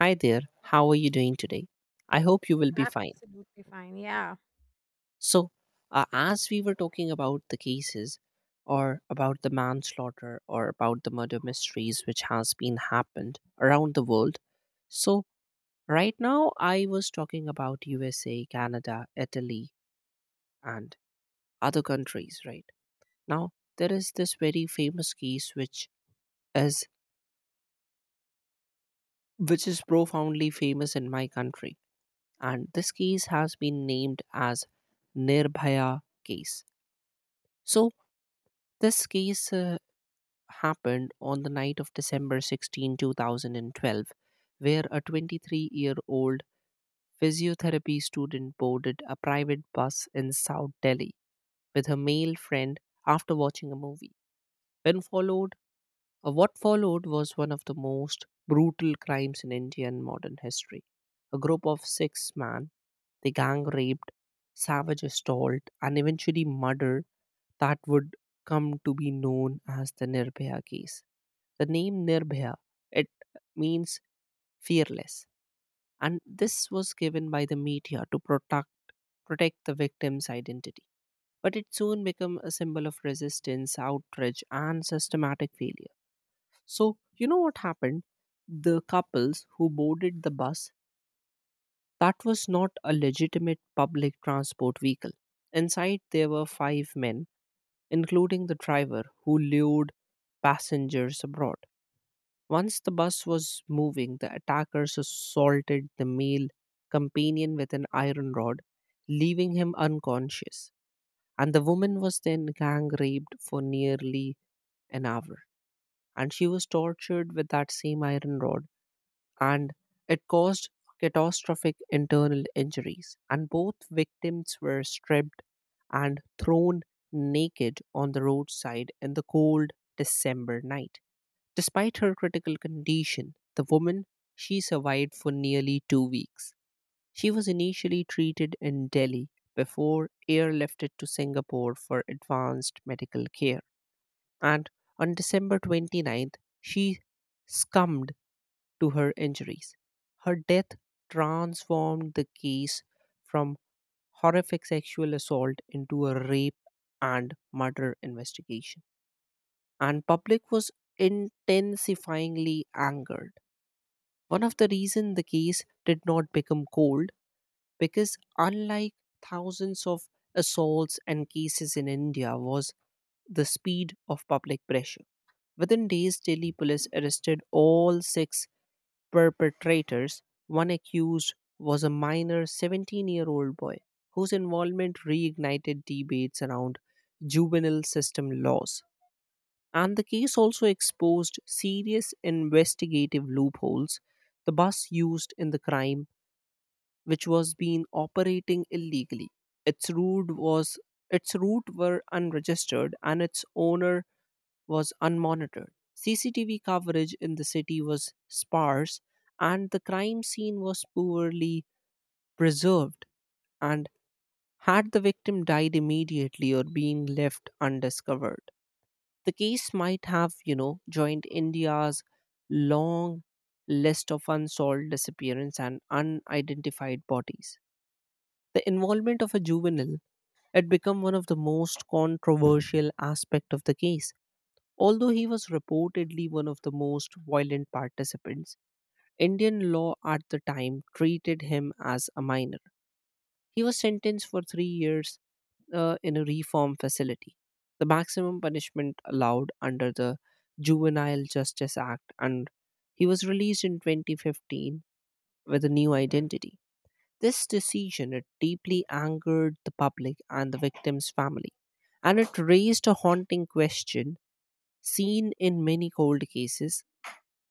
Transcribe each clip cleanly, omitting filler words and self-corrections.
Hi there, how are you doing today? I hope you will be fine. Absolutely fine. Yeah. So, as we were talking about the cases, or about the manslaughter, or about the murder mysteries which has been happened around the world. So, right now I was talking about USA, Canada, Italy and other countries, right? Now, there is this very famous case which is is profoundly famous in my country, and this case has been named as Nirbhaya case. So this case happened on the night of December 16, 2012, where a 23-year-old physiotherapy student boarded a private bus in South Delhi with her male friend after watching a movie. When followed What followed was one of the most brutal crimes in Indian modern history. A group of six men, the gang raped, savage assault, and eventually murder that would come to be known as the Nirbhaya case. The name Nirbhaya, it means fearless, and this was given by the media to protect the victim's identity. But it soon became a symbol of resistance, outrage, and systematic failure. So, you know what happened? The couples who boarded the bus, that was not a legitimate public transport vehicle. Inside, there were five men, including the driver, who lured passengers abroad. Once the bus was moving, the attackers assaulted the male companion with an iron rod, leaving him unconscious. And the woman was then gang raped for nearly an hour. And she was tortured with that same iron rod, and it caused catastrophic internal injuries. And both victims were stripped and thrown naked on the roadside in the cold December night. Despite her critical condition, the woman she survived for nearly 2 weeks. She was initially treated in Delhi before airlifted to Singapore for advanced medical care. And on December twenty-ninth, she succumbed to her injuries. Her death transformed the case from horrific sexual assault into a rape and murder investigation. And public was intensifyingly angered. One of the reason the case did not become cold because unlike thousands of assaults and cases in India was the speed of public pressure. Within days, Delhi police arrested all six perpetrators. One accused was a minor 17-year-old boy whose involvement reignited debates around juvenile system laws. And the case also exposed serious investigative loopholes. The bus used in the crime, which was being operating illegally. Its route was its route were unregistered and its owner was unmonitored. CCTV coverage in the city was sparse, and the crime scene was poorly preserved. And had the victim died immediately or been left undiscovered, the case might have, joined India's long list of unsolved disappearances and unidentified bodies. The involvement of a juvenile had become one of the most controversial aspects of the case. Although he was reportedly one of the most violent participants, Indian law at the time treated him as a minor. He was sentenced for 3 years in a reform facility. The maximum punishment allowed under the Juvenile Justice Act, and he was released in 2015 with a new identity. This decision it deeply angered the public and the victim's family, and it raised a haunting question seen in many cold cases,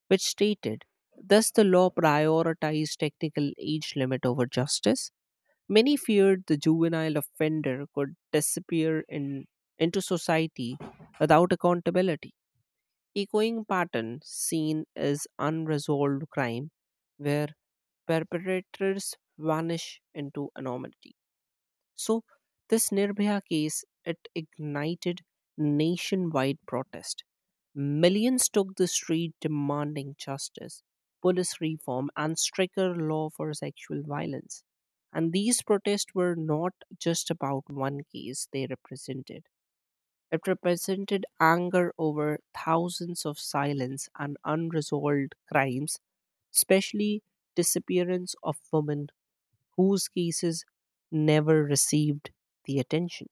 which stated, thus the law prioritized technical age limit over justice. Many feared the juvenile offender could disappear in, into society without accountability. Echoing pattern seen is unresolved crime where perpetrators vanish into anonymity. So, this Nirbhaya case it ignited nationwide protest. Millions took the street demanding justice, police reform, and stricter law for sexual violence. And these protests were not just about one case they represented. It represented anger over thousands of silence and unresolved crimes, especially disappearance of women whose cases never received the attention.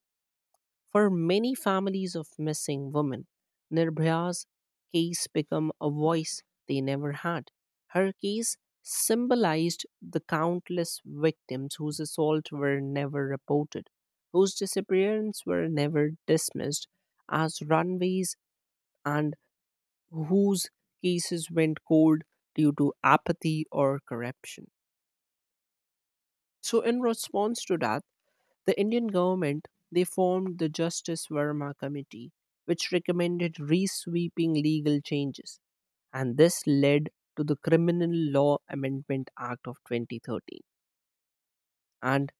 For many families of missing women, Nirbhaya's case became a voice they never had. Her case symbolized the countless victims whose assault were never reported, whose disappearance were never dismissed as runaways, and whose cases went cold due to apathy or corruption. So, in response to that, the Indian government they formed the Justice Verma Committee, which recommended resweeping legal changes, and this led to the Criminal Law Amendment Act of 2013, and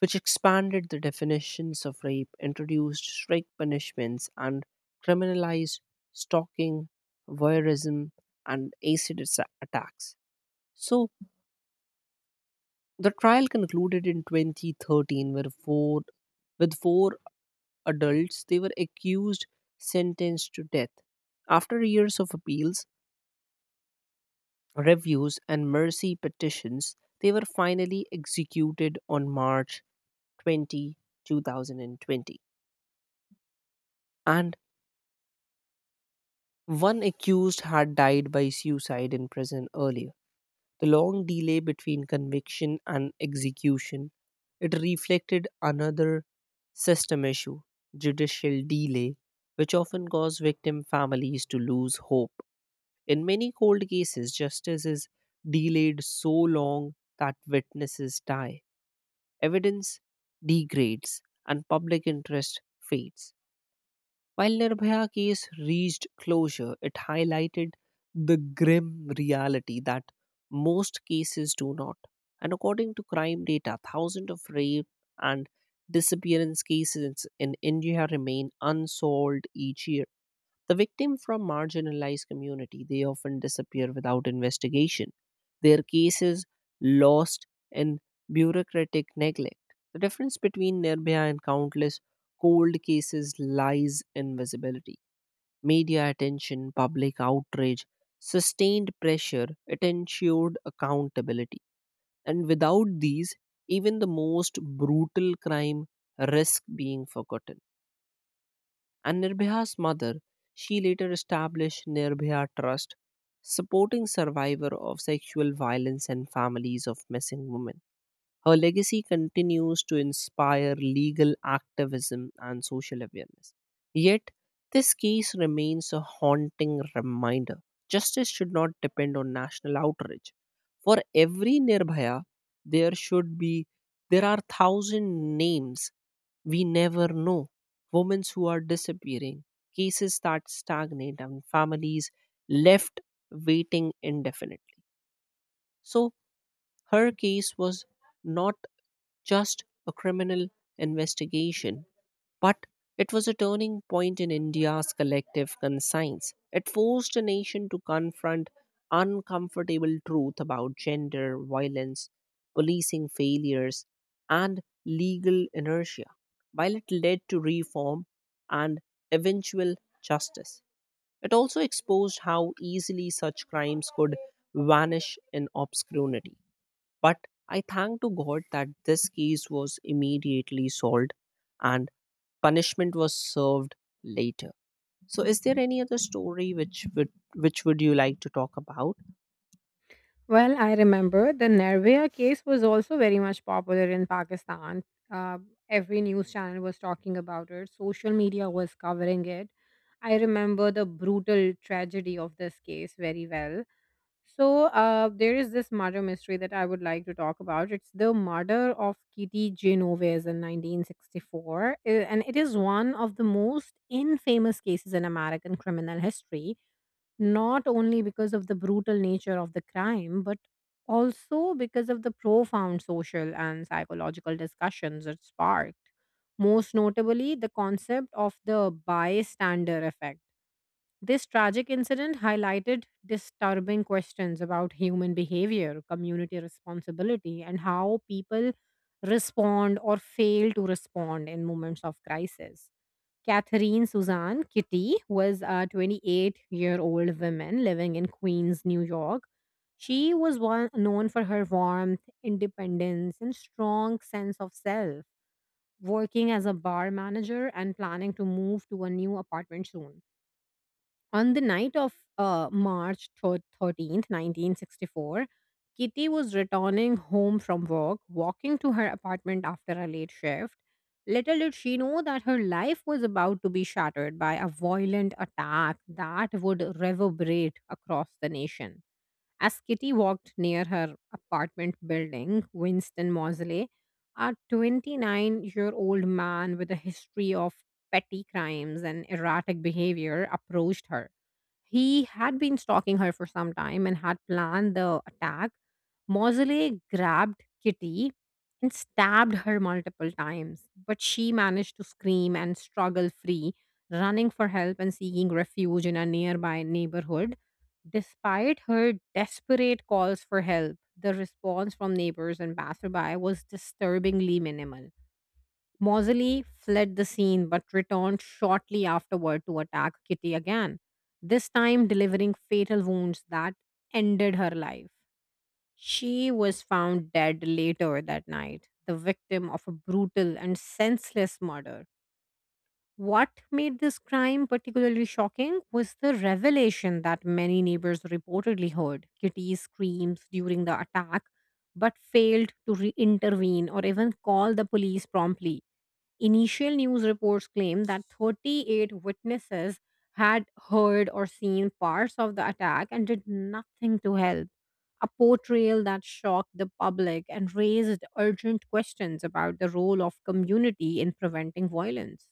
which expanded the definitions of rape, introduced strict punishments, and criminalized stalking, voyeurism, and acid attacks. So the trial concluded in 2013 with four adults, they were accused, sentenced to death. After years of appeals, reviews, and mercy petitions, they were finally executed on March 20th, 2020. And one accused had died by suicide in prison earlier. The long delay between conviction and execution, it reflected another system issue, judicial delay, which often caused victim families to lose hope. In many cold cases, justice is delayed so long that witnesses die, evidence degrades, and public interest fades. While Nirbhaya case reached closure, it highlighted the grim reality that most cases do not. And according to crime data, thousands of rape and disappearance cases in India remain unsolved each year. The victim from marginalized community, they often disappear without investigation. Their cases lost in bureaucratic neglect. The difference between Nirbhaya and countless cold cases lies in visibility. Media attention, public outrage, sustained pressure, it ensured accountability. And without these, even the most brutal crime risk being forgotten. And Nirbhaya's mother, she later established Nirbhaya Trust, supporting survivors of sexual violence and families of missing women. Her legacy continues to inspire legal activism and social awareness. Yet, this case remains a haunting reminder. Justice should not depend on national outrage. For every Nirbhaya, there should be there are thousand names we never know. Women who are disappearing, cases that stagnate, and families left waiting indefinitely. So her case was not just a criminal investigation, but it was a turning point in India's collective conscience. It forced a nation to confront uncomfortable truth about gender, violence, policing failures, and legal inertia. While it led to reform and eventual justice, it also exposed how easily such crimes could vanish in obscurity. But I thank to God that this case was immediately solved and punishment was served later. So is there any other story which would you like to talk about? Well, I remember the Nervia case was also very much popular in Pakistan. Uh, every news channel was talking about it, social media was covering it. I remember the brutal tragedy of this case very well. So, there is this murder mystery that I would like to talk about. It's the murder of Kitty Genovese in 1964, and it is one of the most infamous cases in American criminal history, not only because of the brutal nature of the crime, but also because of the profound social and psychological discussions it sparked. Most notably, the concept of the bystander effect. This tragic incident highlighted disturbing questions about human behavior, community responsibility, and how people respond or fail to respond in moments of crisis. Catherine Suzanne Kitty was a 28-year-old year old woman living in Queens, New York. She was one, known for her warmth, independence, and strong sense of self, working as a bar manager and planning to move to a new apartment soon. On the night of 13th, 1964, Kitty was returning home from work, walking to her apartment after a late shift. Little did she know that her life was about to be shattered by a violent attack that would reverberate across the nation. As Kitty walked near her apartment building, Winston Mosley, a 29-year-old year old man with a history of petty crimes and erratic behavior, approached her. He had been stalking her for some time and had planned the attack. Mosley grabbed Kitty and stabbed her multiple times, but she managed to scream and struggle free, running for help and seeking refuge in a nearby neighborhood. Despite her desperate calls for help, the response from neighbors and passerby was disturbingly minimal. Mosley fled the scene but returned shortly afterward to attack Kitty again, this time delivering fatal wounds that ended her life. She was found dead later that night, the victim of a brutal and senseless murder. What made this crime particularly shocking was the revelation that many neighbors reportedly heard Kitty's screams during the attack but failed to intervene or even call the police promptly. Initial news reports claim that 38 witnesses had heard or seen parts of the attack and did nothing to help, a portrayal that shocked the public and raised urgent questions about the role of community in preventing violence.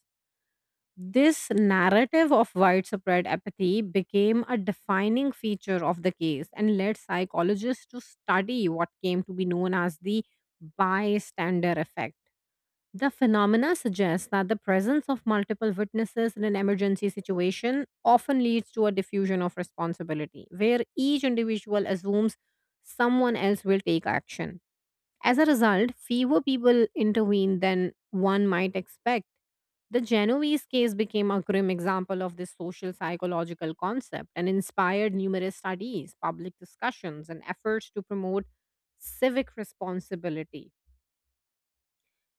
This narrative of widespread apathy became a defining feature of the case and led psychologists to study what came to be known as the bystander effect. The phenomena suggests that the presence of multiple witnesses in an emergency situation often leads to a diffusion of responsibility, where each individual assumes someone else will take action. As a result, fewer people intervene than one might expect. The Genovese case became a grim example of this social psychological concept and inspired numerous studies, public discussions, and efforts to promote civic responsibility.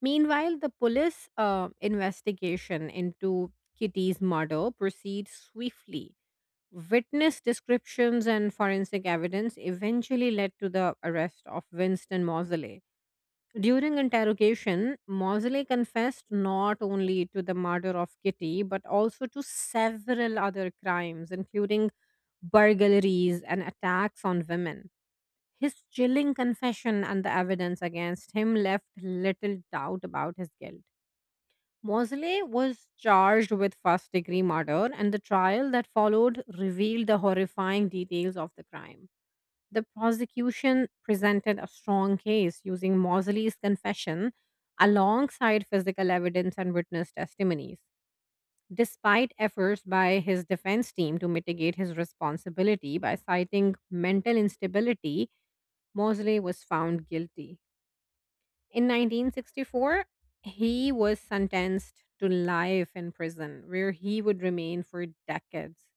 Meanwhile, the police investigation into Kitty's murder proceeds swiftly. Witness descriptions and forensic evidence eventually led to the arrest of Winston Mosley. During interrogation, Mosley confessed not only to the murder of Kitty but also to several other crimes, including burglaries and attacks on women. His chilling confession and the evidence against him left little doubt about his guilt. Mosley was charged with first degree murder, and the trial that followed revealed the horrifying details of the crime. The prosecution presented a strong case using Mosley's confession alongside physical evidence and witness testimonies. Despite efforts by his defense team to mitigate his responsibility by citing mental instability, Mosley was found guilty. In 1964, he was sentenced to life in prison, where he would remain for decades.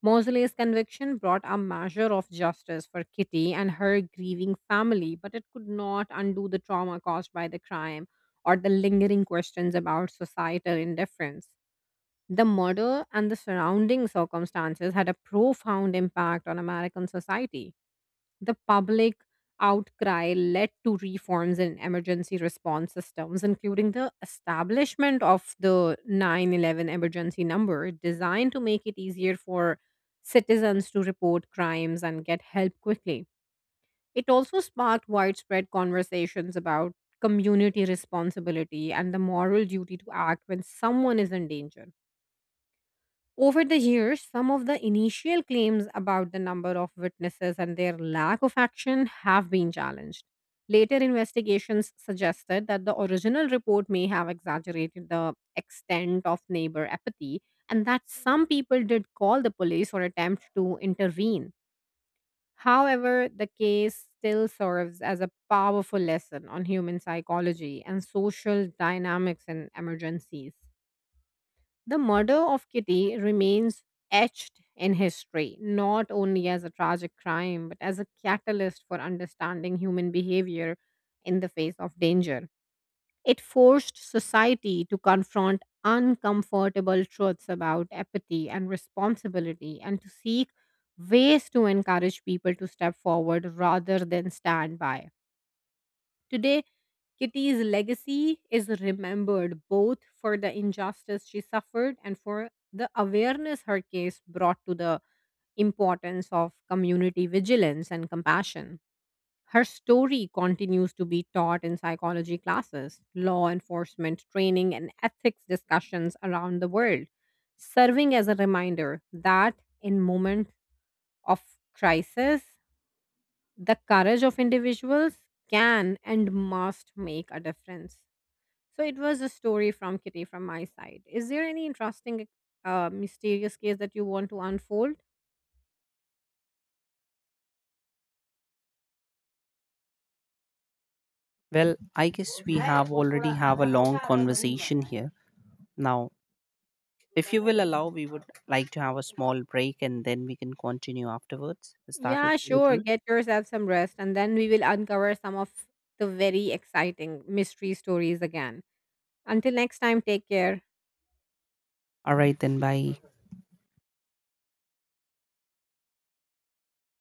Mosley's conviction brought a measure of justice for Kitty and her grieving family, but it could not undo the trauma caused by the crime or the lingering questions about societal indifference. The murder and the surrounding circumstances had a profound impact on American society. The public outcry led to reforms in emergency response systems, including the establishment of the 911 emergency number, designed to make it easier for citizens to report crimes and get help quickly. It also sparked widespread conversations about community responsibility and the moral duty to act when someone is in danger. Over the years, some of the initial claims about the number of witnesses and their lack of action have been challenged. Later investigations suggested that the original report may have exaggerated the extent of neighbor apathy and that some people did call the police or attempt to intervene. However, the case still serves as a powerful lesson on human psychology and social dynamics in emergencies. The murder of Kitty remains etched in history, not only as a tragic crime, but as a catalyst for understanding human behavior in the face of danger. It forced society to confront uncomfortable truths about apathy and responsibility and to seek ways to encourage people to step forward rather than stand by. Today, Kitty's legacy is remembered both for the injustice she suffered and for the awareness her case brought to the importance of community vigilance and compassion. Her story continues to be taught in psychology classes, law enforcement training, and ethics discussions around the world, serving as a reminder that in moments of crisis, the courage of individuals can and must make a difference. So it was a story from Kitty from my side. Is there any interesting, mysterious case that you want to unfold? Well, I guess we have already have a long conversation here. Now, if you will allow, we would like to have a small break and then we can continue afterwards. Is that Yeah, okay with sure. you? Get yourself some rest, and then we will uncover some of the very exciting mystery stories again. Until next time, take care. All right then bye.